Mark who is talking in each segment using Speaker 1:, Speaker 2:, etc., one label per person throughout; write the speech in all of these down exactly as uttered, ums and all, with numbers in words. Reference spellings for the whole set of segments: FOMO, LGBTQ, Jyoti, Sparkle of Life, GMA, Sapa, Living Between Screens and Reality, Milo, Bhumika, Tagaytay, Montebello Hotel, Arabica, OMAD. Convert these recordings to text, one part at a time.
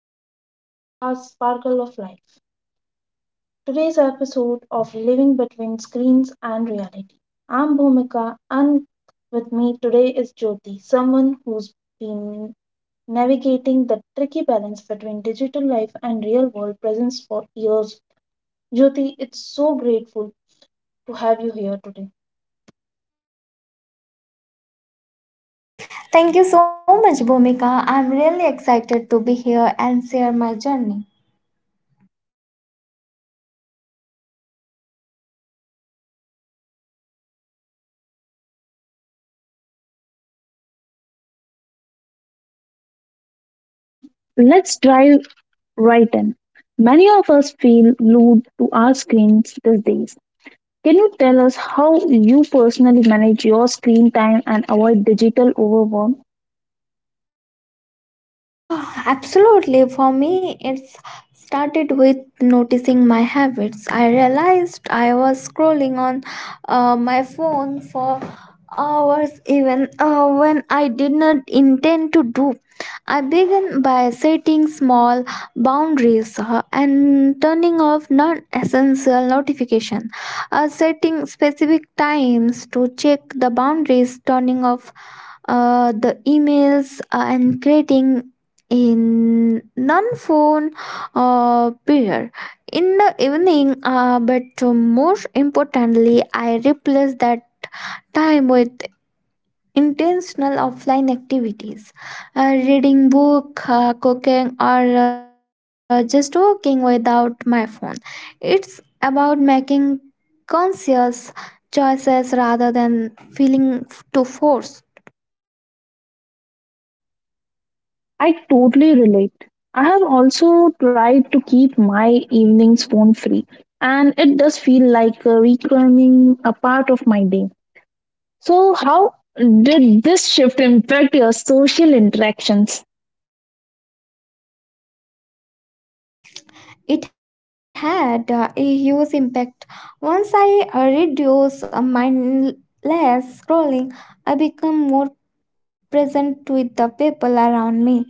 Speaker 1: welcome back to our podcast Sparkle of Life. Today's episode of Living Between Screens and Reality. I'm Bhumika, and with me today is Jyoti, someone who's been navigating the tricky balance between digital life and real world presence for years. Jyoti, it's so grateful to have you here today.
Speaker 2: Thank you so much, Bhumika. I'm really excited to be here and share my journey.
Speaker 1: Let's dive right in. Many of us feel glued to our screens these days. Can you tell us how you personally manage your screen time and avoid digital overwhelm?
Speaker 2: Yeah, absolutely. For me, it's started with noticing my habits. I realized I was scrolling on uh, my phone for hours even uh, when I did not intend to do. I began by setting small boundaries uh, and turning off non-essential notifications. Uh, setting specific times to check the boundaries, turning off uh, the emails and creating in non-phone uh, period in the evening uh, but most importantly, I replace that time with intentional offline activities, uh, reading book, uh, cooking, or uh, just walking without my phone. It's about making conscious choices rather than feeling f- to force.
Speaker 1: I totally relate. I have also tried to keep my evenings phone free, and it does feel like uh, reclaiming a part of my day. So, how did this shift impact your social interactions?
Speaker 2: It had uh, a huge impact. Once I uh, reduced uh, mindless scrolling, I become more present with the people around me.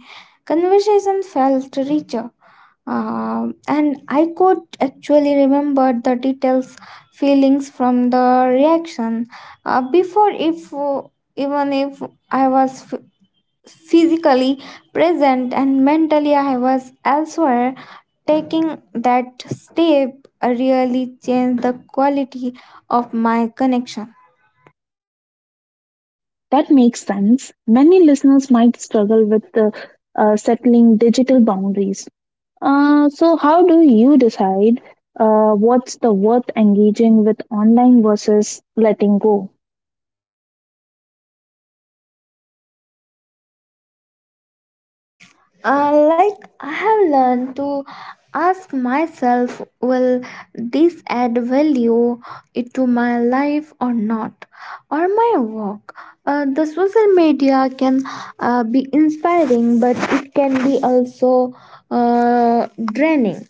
Speaker 2: Conversation felt richer, uh, and I could actually remember the details, feelings from the reaction uh, before, if even if I was physically present and mentally I was elsewhere. Taking that step really changed the quality of my connection.
Speaker 1: That makes sense. Many listeners might struggle with uh, uh, settling digital boundaries. Uh, so, how do you decide uh, what's the worth engaging with online versus letting go?
Speaker 2: uh, like i have learned to ask myself, will this add value it to my life or not, or my work. Uh, the social media can uh, be inspiring, but it can be also uh, draining.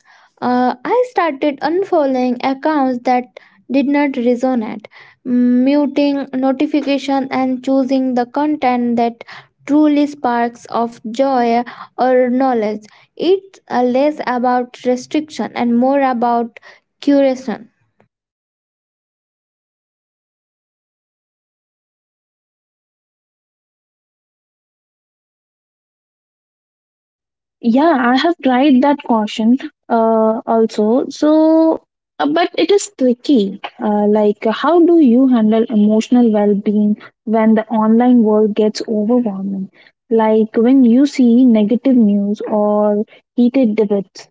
Speaker 2: Uh, i started unfollowing accounts that did not resonate, muting notification, and choosing the content that truly sparks of joy or knowledge. It's uh, less about restriction and more about curation.
Speaker 1: Yeah, I have tried that caution uh, also. So, uh, but it is tricky. Uh, like, how do you handle emotional well being when the online world gets overwhelming? Like, when you see negative news or heated debates.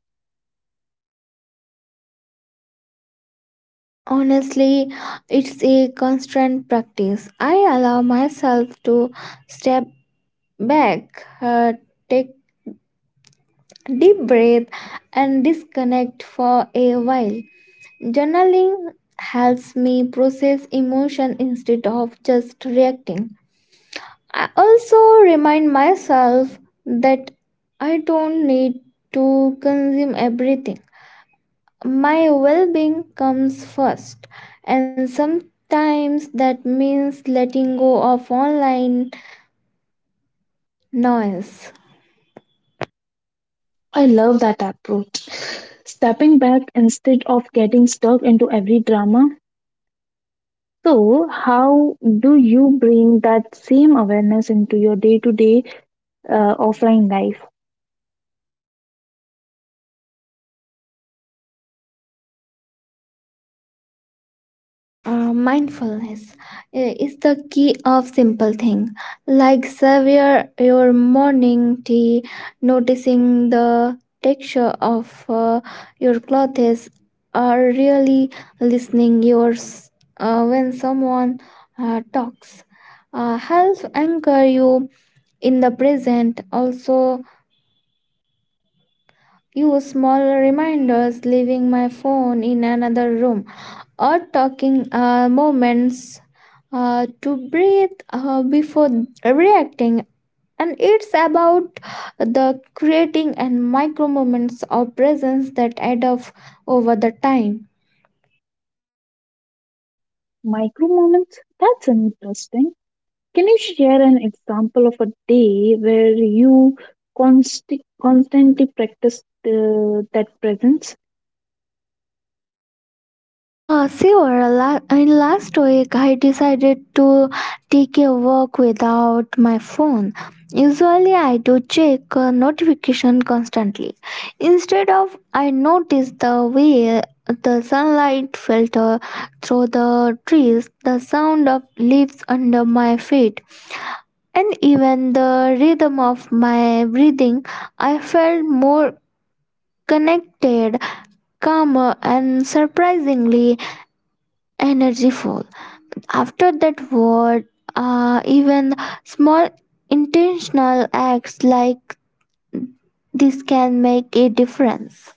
Speaker 2: Honestly, it's a constant practice. I allow myself to step back, uh, take deep breath, and disconnect for a while. Journaling helps me process emotion instead of just reacting. I also remind myself that I don't need to consume everything. My well being comes first, and sometimes that means letting go of online noise.
Speaker 1: I love that approach. Stepping back instead of getting stuck into every drama. So, how do you bring that same awareness into your day to day offline life?
Speaker 2: Uh, mindfulness i- is the key of simple thing, like savor your morning tea, noticing the texture of uh, your clothes, or really listening yours uh, when someone uh, talks uh, helps anchor you in the present. Also, use small reminders, leaving my phone in another room or talking uh, moments uh, to breathe uh, before reacting. And it's about the creating and micro moments of presence that add up over the time.
Speaker 1: Micro moments? That's interesting. Can you share an example of a day where you const- constantly practice uh, that presence?
Speaker 2: Ah, sure. La- in last week, I decided to take a walk without my phone. Usually, I do check uh, notification constantly. Instead of, I noticed the way the sunlight filter through the trees, the sound of leaves under my feet, and even the rhythm of my breathing. I felt more connected, calmer, and surprisingly energyful. After that word, uh, even small intentional acts like this can make a difference.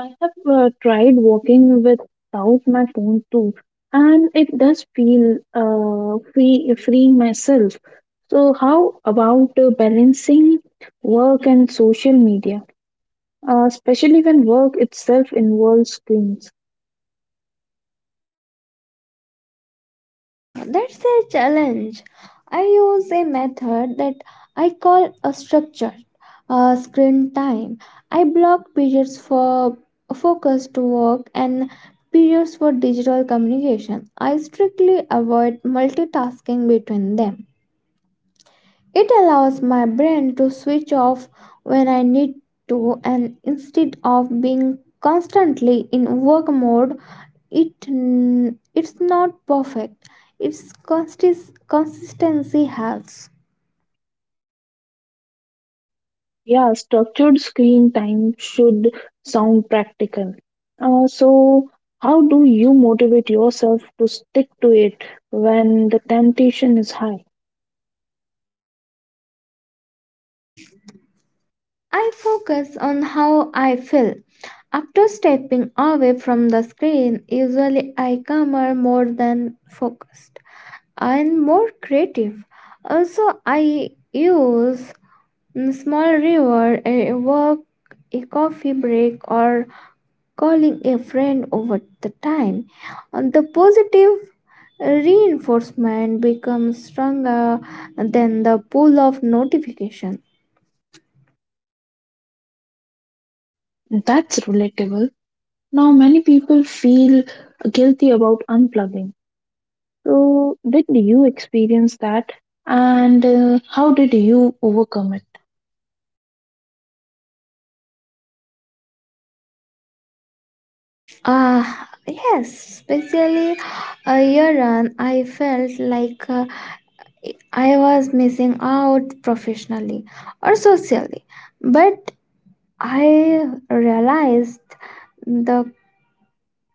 Speaker 1: I have uh, tried walking without my phone too, and it does feel uh, free, freeing myself. So, how about uh, balancing work and social media? Uh, especially when work itself involves screens.
Speaker 2: Uh, that's a challenge. I use a method that I call a structure, uh, screen time. I block periods for focused work and periods for digital communication. I strictly avoid multitasking between them. It allows my brain to switch off when I need to, and instead of being constantly in work mode, it mm, it's not perfect. Its consist- consistency helps.
Speaker 1: Yeah, structured screen time should sound practical. Uh, so, how do you motivate yourself to stick to it when the temptation is high?
Speaker 2: I focus on how I feel. After stepping away from the screen, usually I come out more than focused and more creative. Also, I use a small reward, a walk, a coffee break, or calling a friend over the time. And the positive reinforcement becomes stronger than the pull of notification.
Speaker 1: That's relatable. Now, many people feel guilty about unplugging. So, did you experience that? And uh, how did you overcome it?
Speaker 2: Ah, yes, especially a year on, I felt like uh, I was missing out professionally or socially, but I realized the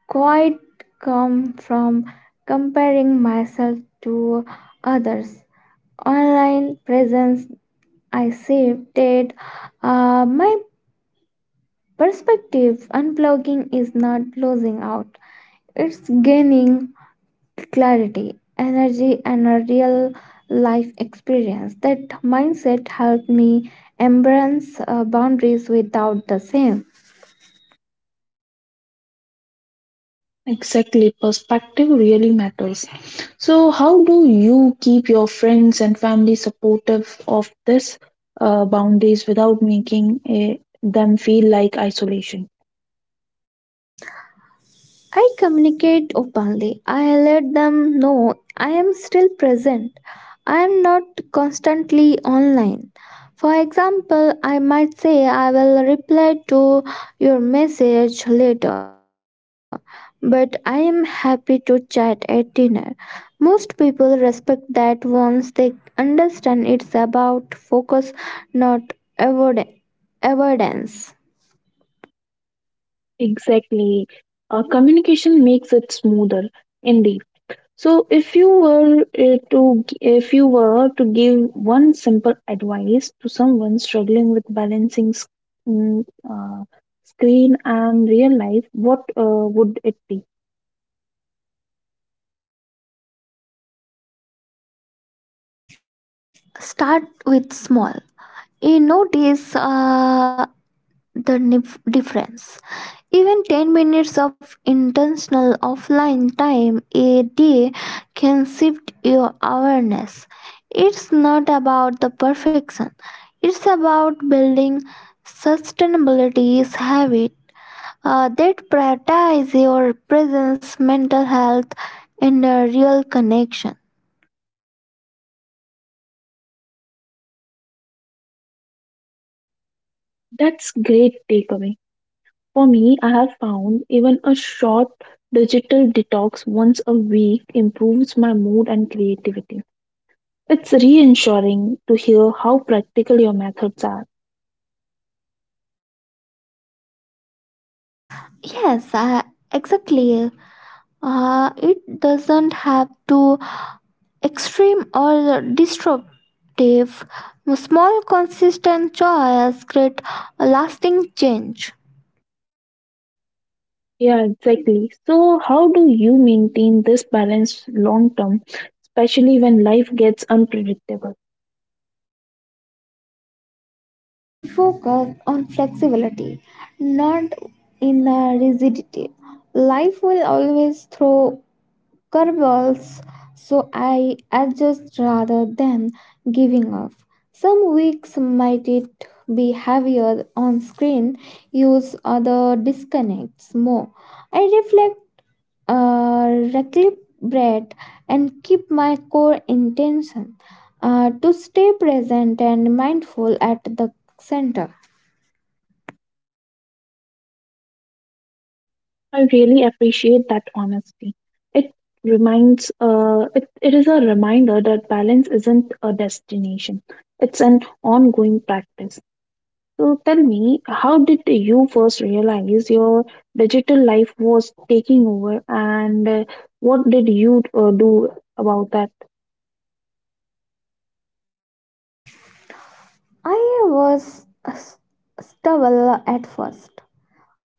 Speaker 2: quite come from comparing myself to others. Online presence, I shifted uh, my perspective. Unplugging is not losing out, it's gaining clarity, energy, and a real life experience. That mindset helped me embrace uh, boundaries without the same.
Speaker 1: Exactly, perspective really matters. So, how do you keep your friends and family supportive of this uh, boundaries without making eh, them feel like isolation?
Speaker 2: I communicate openly. I let them know I am still present. I am not constantly online. For example, I might say I will reply to your message later, but I am happy to chat at dinner. Most people respect that once they understand it's about focus, not avoid- avoidance.
Speaker 1: Exactly. Uh, communication makes it smoother, indeed. So, if you were uh, to g- if you were to give one simple advice to someone struggling with balancing sc- mm, uh, screen and real life, what uh, would it be?
Speaker 2: Start with small. You notice. Uh, the nif- difference. Even ten minutes of intentional offline time a day can shift your awareness. It's not about the perfection, it's about building sustainability habit uh, that prioritize your presence, mental health, and a real connection.
Speaker 1: That's great takeaway. For me, I have found even a short digital detox once a week improves my mood and creativity. It's reassuring to hear how practical your methods are.
Speaker 2: Yes, uh, exactly. Uh, it doesn't have to extreme or disruptive. Small, consistent choice create lasting change.
Speaker 1: Yeah, exactly. So, how do you maintain this balance long term, especially when life gets unpredictable?
Speaker 2: I focus on flexibility, not in a rigidity. Life will always throw curveballs, so I adjust rather than giving up. Some weeks might it be heavier on screen, use other disconnects more. I reflect, uh, recalibrate, and keep my core intention uh, to stay present and mindful at the center.
Speaker 1: I really appreciate that honesty. It reminds uh it, it is a reminder that balance isn't a destination. It's an ongoing practice. So tell me, how did you first realize your digital life was taking over, and uh, what did you uh, do about that?
Speaker 2: I was s- stubble at first.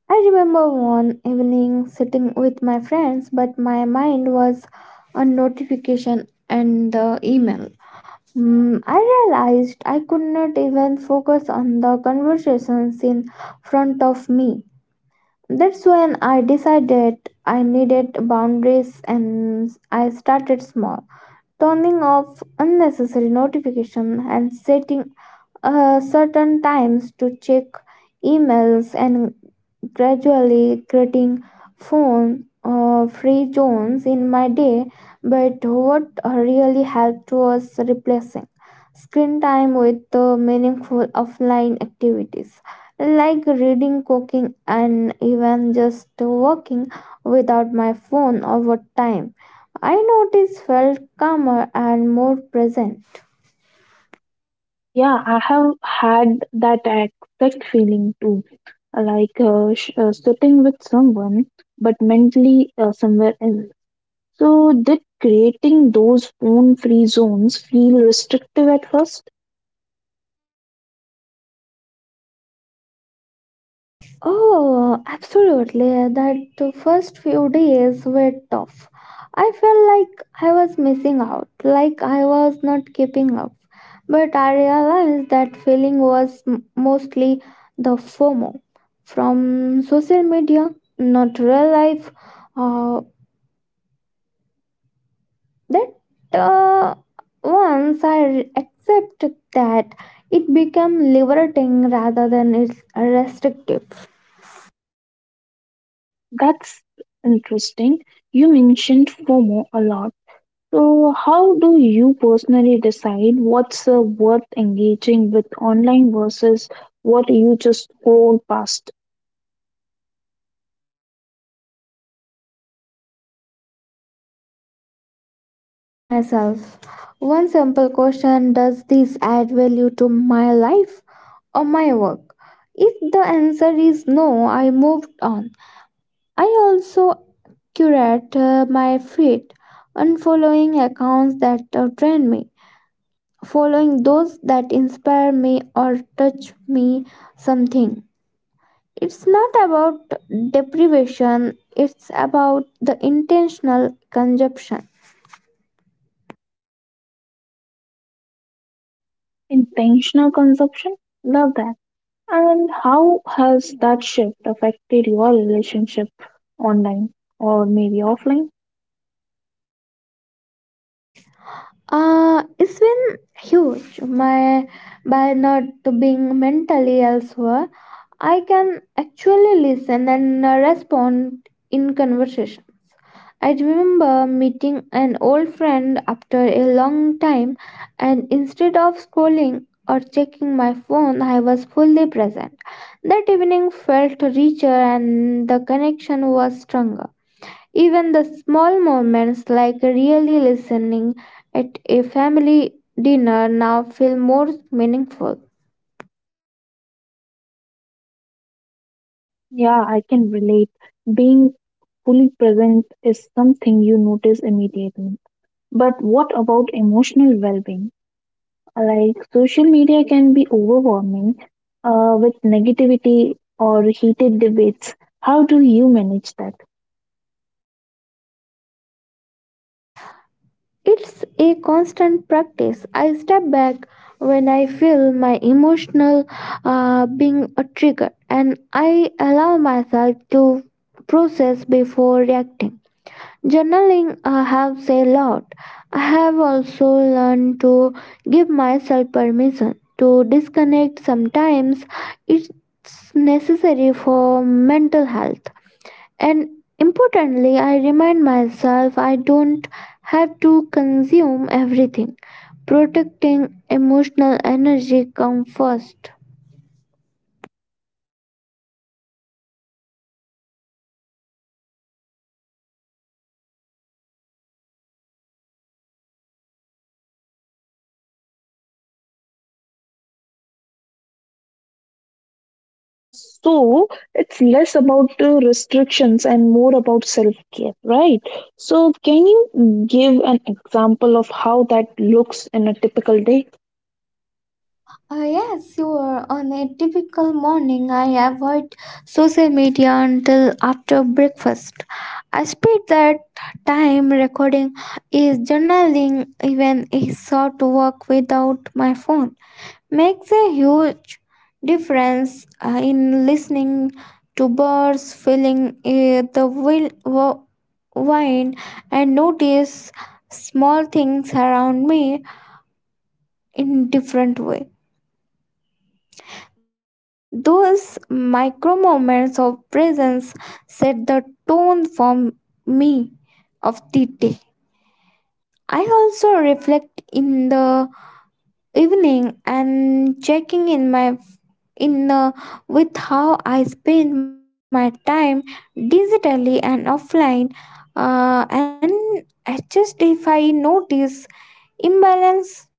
Speaker 2: I remember one evening sitting with my friends, but my mind was on notification and the email. Mm, I realized I could not even focus on the conversations in front of me. That's when I decided I needed boundaries and I started small, turning off unnecessary notifications and setting uh, certain times to check emails, and gradually creating phone uh, free zones in my day. But what really helped was replacing screen time with uh, meaningful offline activities like reading, cooking, and even just walking without my phone. Over time, I noticed felt calmer and more present.
Speaker 1: Yeah, I have had that exact feeling too, like uh, sh- uh, sitting with someone but mentally uh, somewhere else. So, did creating those phone free zones feel restrictive at first?
Speaker 2: Oh, absolutely. That the first few days were tough. I felt like I was missing out, like I was not keeping up. But I realized that feeling was m- mostly the FOMO from social media, not real life. Uh, that uh, once I re- accepted that, it became liberating rather than it's restrictive.
Speaker 1: That's interesting. You mentioned FOMO a lot. So, how do you personally decide what's uh, worth engaging with online versus what you just scroll past?
Speaker 2: I asked myself one simple question. Does this add value to my life or my work? If the answer is no, I moved on. I also curate uh, my feed, unfollowing accounts that uh, drain me, following those that inspire me or touch me something. It's not about deprivation, it's about the intentional consumption.
Speaker 1: Intentional consumption? Love that. And how has that shift affected your relationship online or maybe offline?
Speaker 2: Uh, it's been huge. My By not being mentally elsewhere, I can actually listen and uh, respond in conversation. I remember meeting an old friend after a long time, and instead of scrolling or checking my phone, I was fully present. That evening felt richer, and the connection was stronger. Even the small moments like really listening at a family dinner now feel more meaningful.
Speaker 1: Yeah, I can relate, being fully present is something you notice immediately. But what about emotional well being? Like, social media can be overwhelming uh, with negativity or heated debates. How do you manage that?
Speaker 2: It's a constant practice. I step back when I feel my emotional uh, being a trigger, and I allow myself to process before reacting. Journaling uh, helps a lot. I have also learned to give myself permission to disconnect. Sometimes it's necessary for mental health. And importantly, I remind myself I don't have to consume everything. Protecting emotional energy comes first.
Speaker 1: Uh, so it's less about uh, restrictions and more about self care, right? So, can you give an example of how that looks in a typical day?
Speaker 2: Uh, yes, you are. On a typical morning, I avoid social media until after breakfast. I spend that time recording, is journaling, even a short walk without my phone. Makes a huge difference uh, in listening to birds, feeling uh, the wind, wind, and notice small things around me in different way. Those micro moments of presence set the tone for me of the day. I also reflect in the evening and checking in my in the with how I spend my time digitally and offline, uh, and adjust if I notice imbalance.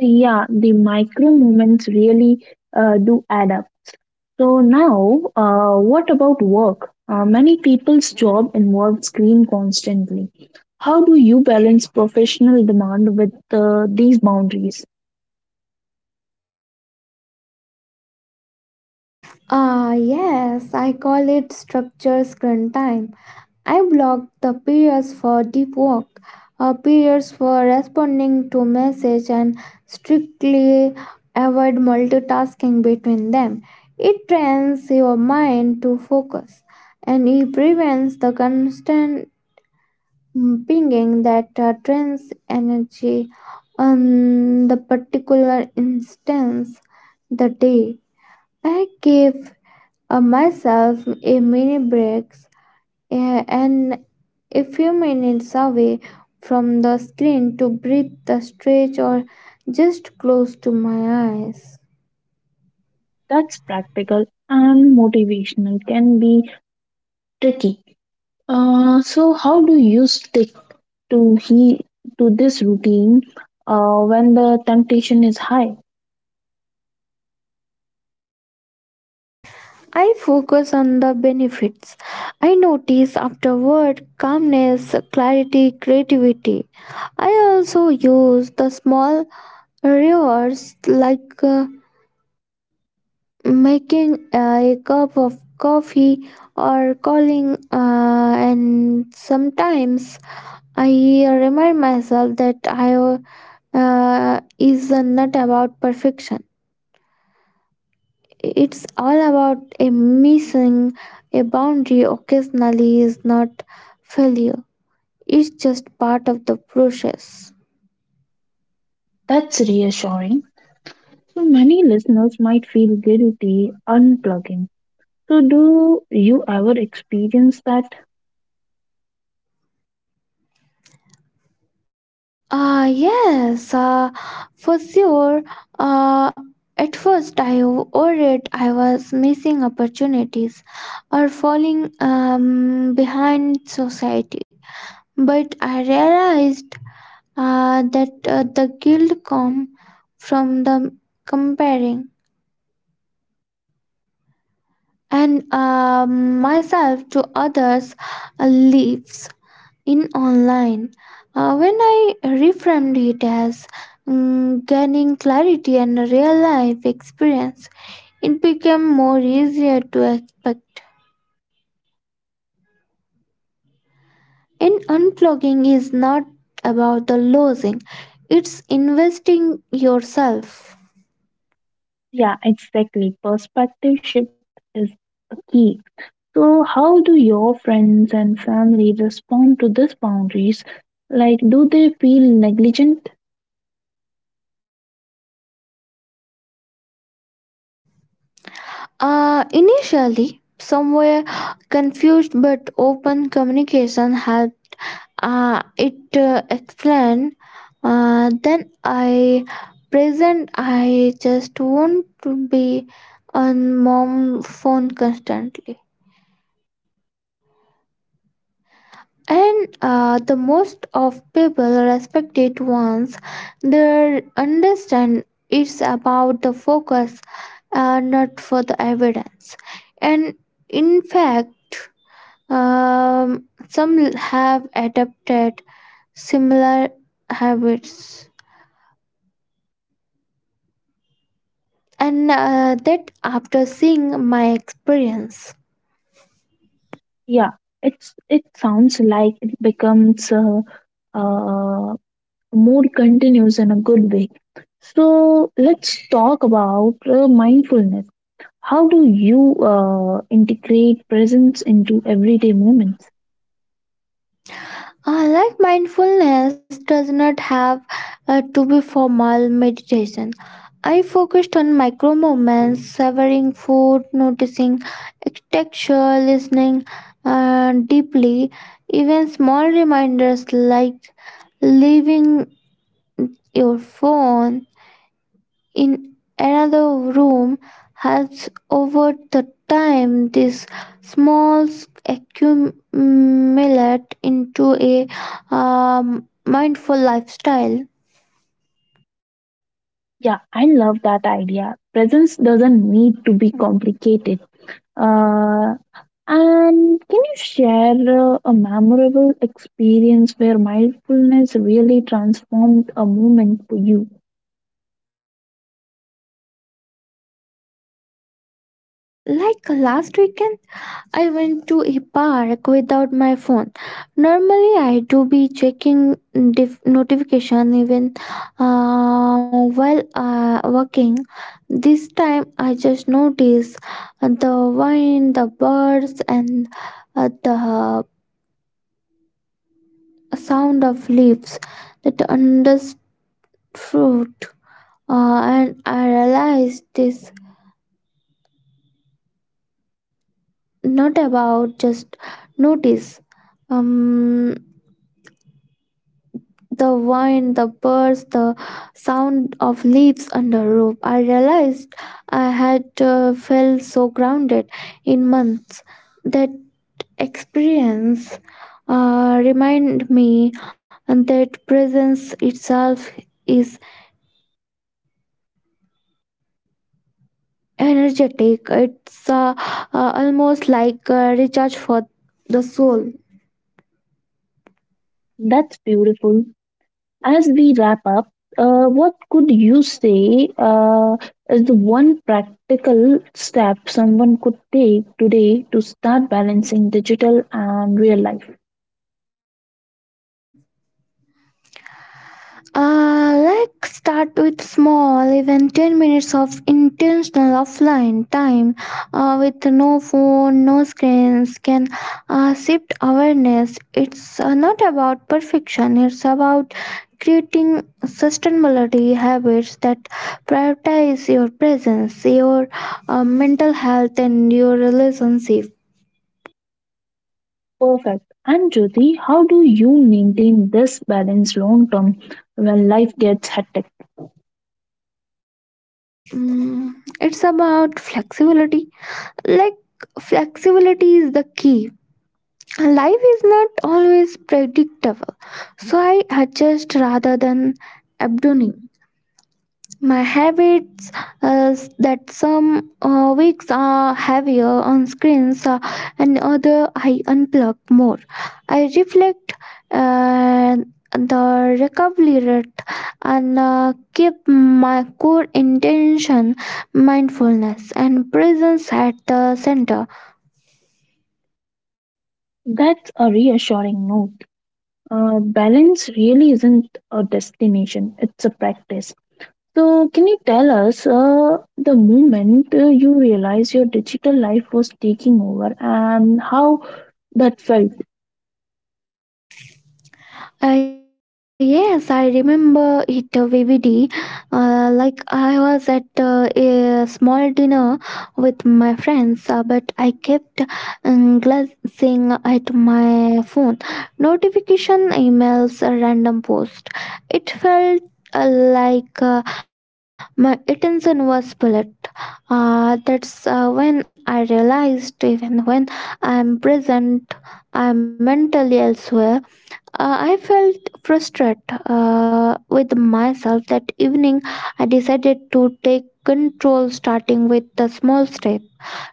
Speaker 1: Yeah, the micro moments really uh, do add up. So now, uh, what about work? Uh, many people's job involves screen constantly. How do you balance professional demand with uh, these boundaries?
Speaker 2: Ah, yes, I call it structure screen time. I block the periods for deep work, uh, periods for responding to message, and strictly avoid multitasking between them. It trains your mind to focus, and it prevents the constant mm, pinging that uh, drains energy on the particular instance the day. I give uh, myself a mini breaks uh, and a few minutes away from the screen to breathe the stretch or just close to my eyes.
Speaker 1: That's practical, and motivational can be tricky. Uh, so how do you stick to he to this routine uh, when the temptation is high?
Speaker 2: I focus on the benefits. I notice afterward calmness, clarity, creativity. I also use the small rewards like, uh, making a cup of coffee or calling, uh, and sometimes I remind myself that I uh, is not about perfection. It's all about a missing a boundary occasionally is not failure. It's just part of the process.
Speaker 1: That's reassuring. So many listeners might feel guilty unplugging. So, do you ever experience that?
Speaker 2: Ah, yes, uh, for sure. Uh, at first I worried I was missing opportunities or falling um, behind society, but I realized uh, that uh, the guilt come from the comparing and uh, myself to others uh, lives in online. Uh, when I reframed it as mm, gaining clarity and a real life experience, it became more easier to expect. And unplugging is not about the losing; it's investing yourself.
Speaker 1: Yeah, exactly. Perspective shift is a key. So, how do your friends and family respond to these boundaries? Like, do they feel negligent?
Speaker 2: Uh, initially, some were confused, but open communication helped. Uh, it uh, explained. Uh, then I present. I just want to be on mom phone constantly. And uh, the most of people respect it once they understand it's about the focus, uh, not for the evidence. And in fact. Um, some l- have adopted similar habits, and uh, that after seeing my experience.
Speaker 1: Yeah, it's it sounds like it becomes uh, uh, more continuous in a good way. So, let's talk about uh, mindfulness. How do you uh, integrate presence into everyday moments?
Speaker 2: Uh, like, mindfulness does not have uh, to be formal meditation. I focused on micro moments, savoring food, noticing texture, listening uh, deeply. Even small reminders like leaving your phone in another room has over the time this small accumulate into a um, mindful lifestyle.
Speaker 1: Yeah, I love that idea. Presence doesn't need to be complicated. Uh, and can you share uh, a memorable experience where mindfulness really transformed a moment for you?
Speaker 2: Uh, like, last weekend I went to a park without my phone. Normally, I do be checking dif- notification even uh, while uh, working. This time, I just noticed the wind, the birds, and uh, the sound of leaves that understood. Uh, and I realized this not about just notice. Um, the wind, the birds, the sound of leaves under roof. I realized I had uh, felt so grounded in months. That experience uh, reminded me that presence itself is energetic. It's uh, uh, almost like a recharge for the soul.
Speaker 1: That's beautiful. As we wrap up, uh, what could you say uh, is the one practical step someone could take today to start balancing digital and real life?
Speaker 2: Uh, let's start with small, even ten minutes of intentional offline time uh, with no phone, no screens can uh, shift awareness. It's uh, not about perfection, it's about creating sustainability habits that prioritize your presence, your uh, mental health, and your relationship.
Speaker 1: Perfect. And Jyoti, how do you maintain this balance long term when life gets hectic?
Speaker 2: Mm, it's about flexibility. Like, flexibility is the key. Life is not always predictable, so I adjust rather than abandoning my habits. Uh, that some uh, weeks are heavier on screens, uh, and other I unplug more. I reflect uh, the recovery rate and uh, keep my core intention, mindfulness and presence, at the center.
Speaker 1: That's a reassuring note. Uh, balance really isn't a destination, it's a practice. So, can you tell us uh, the moment uh, you realized your digital life was taking over and how that felt?
Speaker 2: Uh, yes, I remember it uh, vividly. Uh, like, I was at uh, a small dinner with my friends, uh, but I kept um, glancing at my phone, notification, emails, a random post. It felt uh, like uh, my attention was split. Uh, that's uh, when I realized even when I'm present, I'm mentally elsewhere. uh, I felt frustrated uh, with myself that evening. I decided to take control starting with the small step,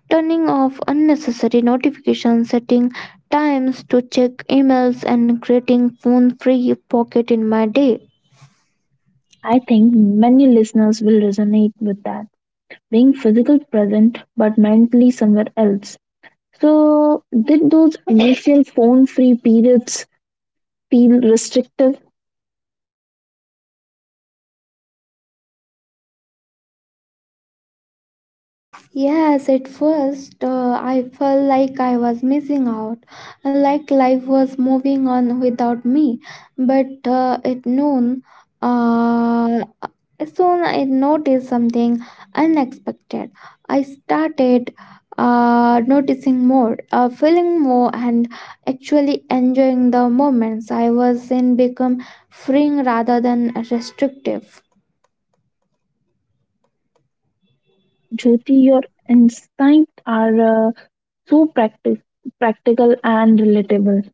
Speaker 2: turning off unnecessary notifications, setting times to check emails, and creating phone free pocket in my day.
Speaker 1: I think many listeners will resonate with that. Being physically present but mentally somewhere else. So, did those initial phone free periods feel restrictive?
Speaker 2: Yes, at first uh, I felt like I was missing out, like life was moving on without me. But uh, at noon, uh, soon I noticed something unexpected. I started uh, noticing more, uh, feeling more, and actually enjoying the moments I was in become freeing rather than restrictive.
Speaker 1: Jyoti, your insights are uh, so practic- practical and relatable.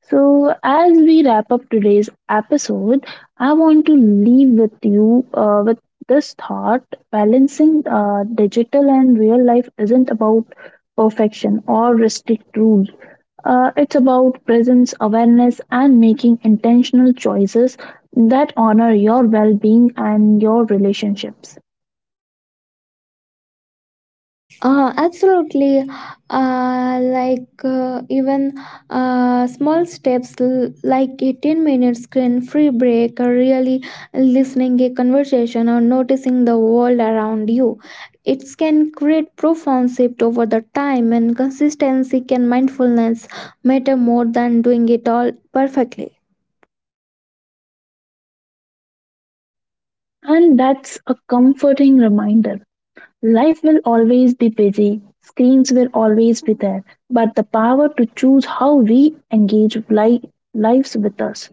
Speaker 1: So, as we wrap up today's episode, I want to leave with you uh, with this thought: balancing uh, digital and real life isn't about perfection or strict rules. Uh, it's about presence, awareness, and making intentional choices that honor your well being and your relationships.
Speaker 2: Uh, absolutely. Uh, like uh, even uh, small steps l- like a ten minute screen free break, or really listening a conversation, or noticing the world around you. It can create profound shift over the time, and consistency can mindfulness matter more than doing it all perfectly.
Speaker 1: And that's a comforting reminder. Life will always be busy, screens will always be there, but the power to choose how we engage li- lives with us.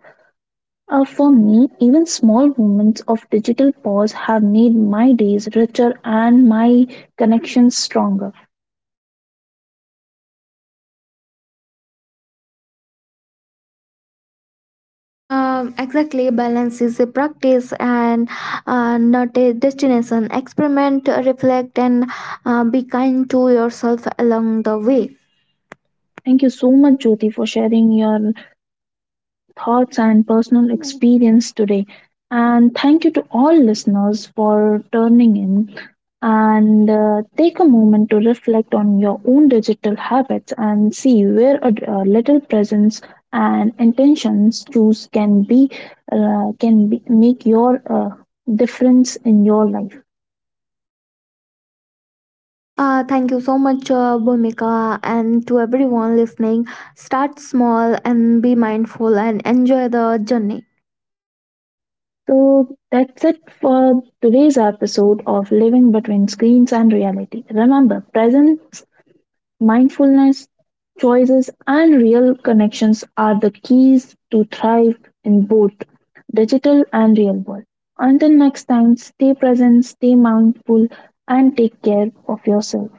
Speaker 1: Uh, for me, even small moments of digital pause have made my days richer and my connections stronger.
Speaker 2: Um, exactly. Balance is a practice and uh, not a destination. Experiment, reflect, and uh, be kind to yourself along the way.
Speaker 1: Thank you so much, Jyoti, for sharing your thoughts and personal experience today. And thank you to all listeners for turning in, and uh, take a moment to reflect on your own digital habits and see where a, a little presence and intentions choose can be uh, can be, make your uh, difference in your life.
Speaker 2: Uh, thank you so much, uh, Bhumika, and to everyone listening. Start small and be mindful and enjoy the journey.
Speaker 1: So that's it for today's episode of Living Between Screens and Reality. Remember, presence, mindfulness, choices, and real connections are the keys to thrive in both digital and real world. Until next time, stay present, stay mindful, and take care of yourself.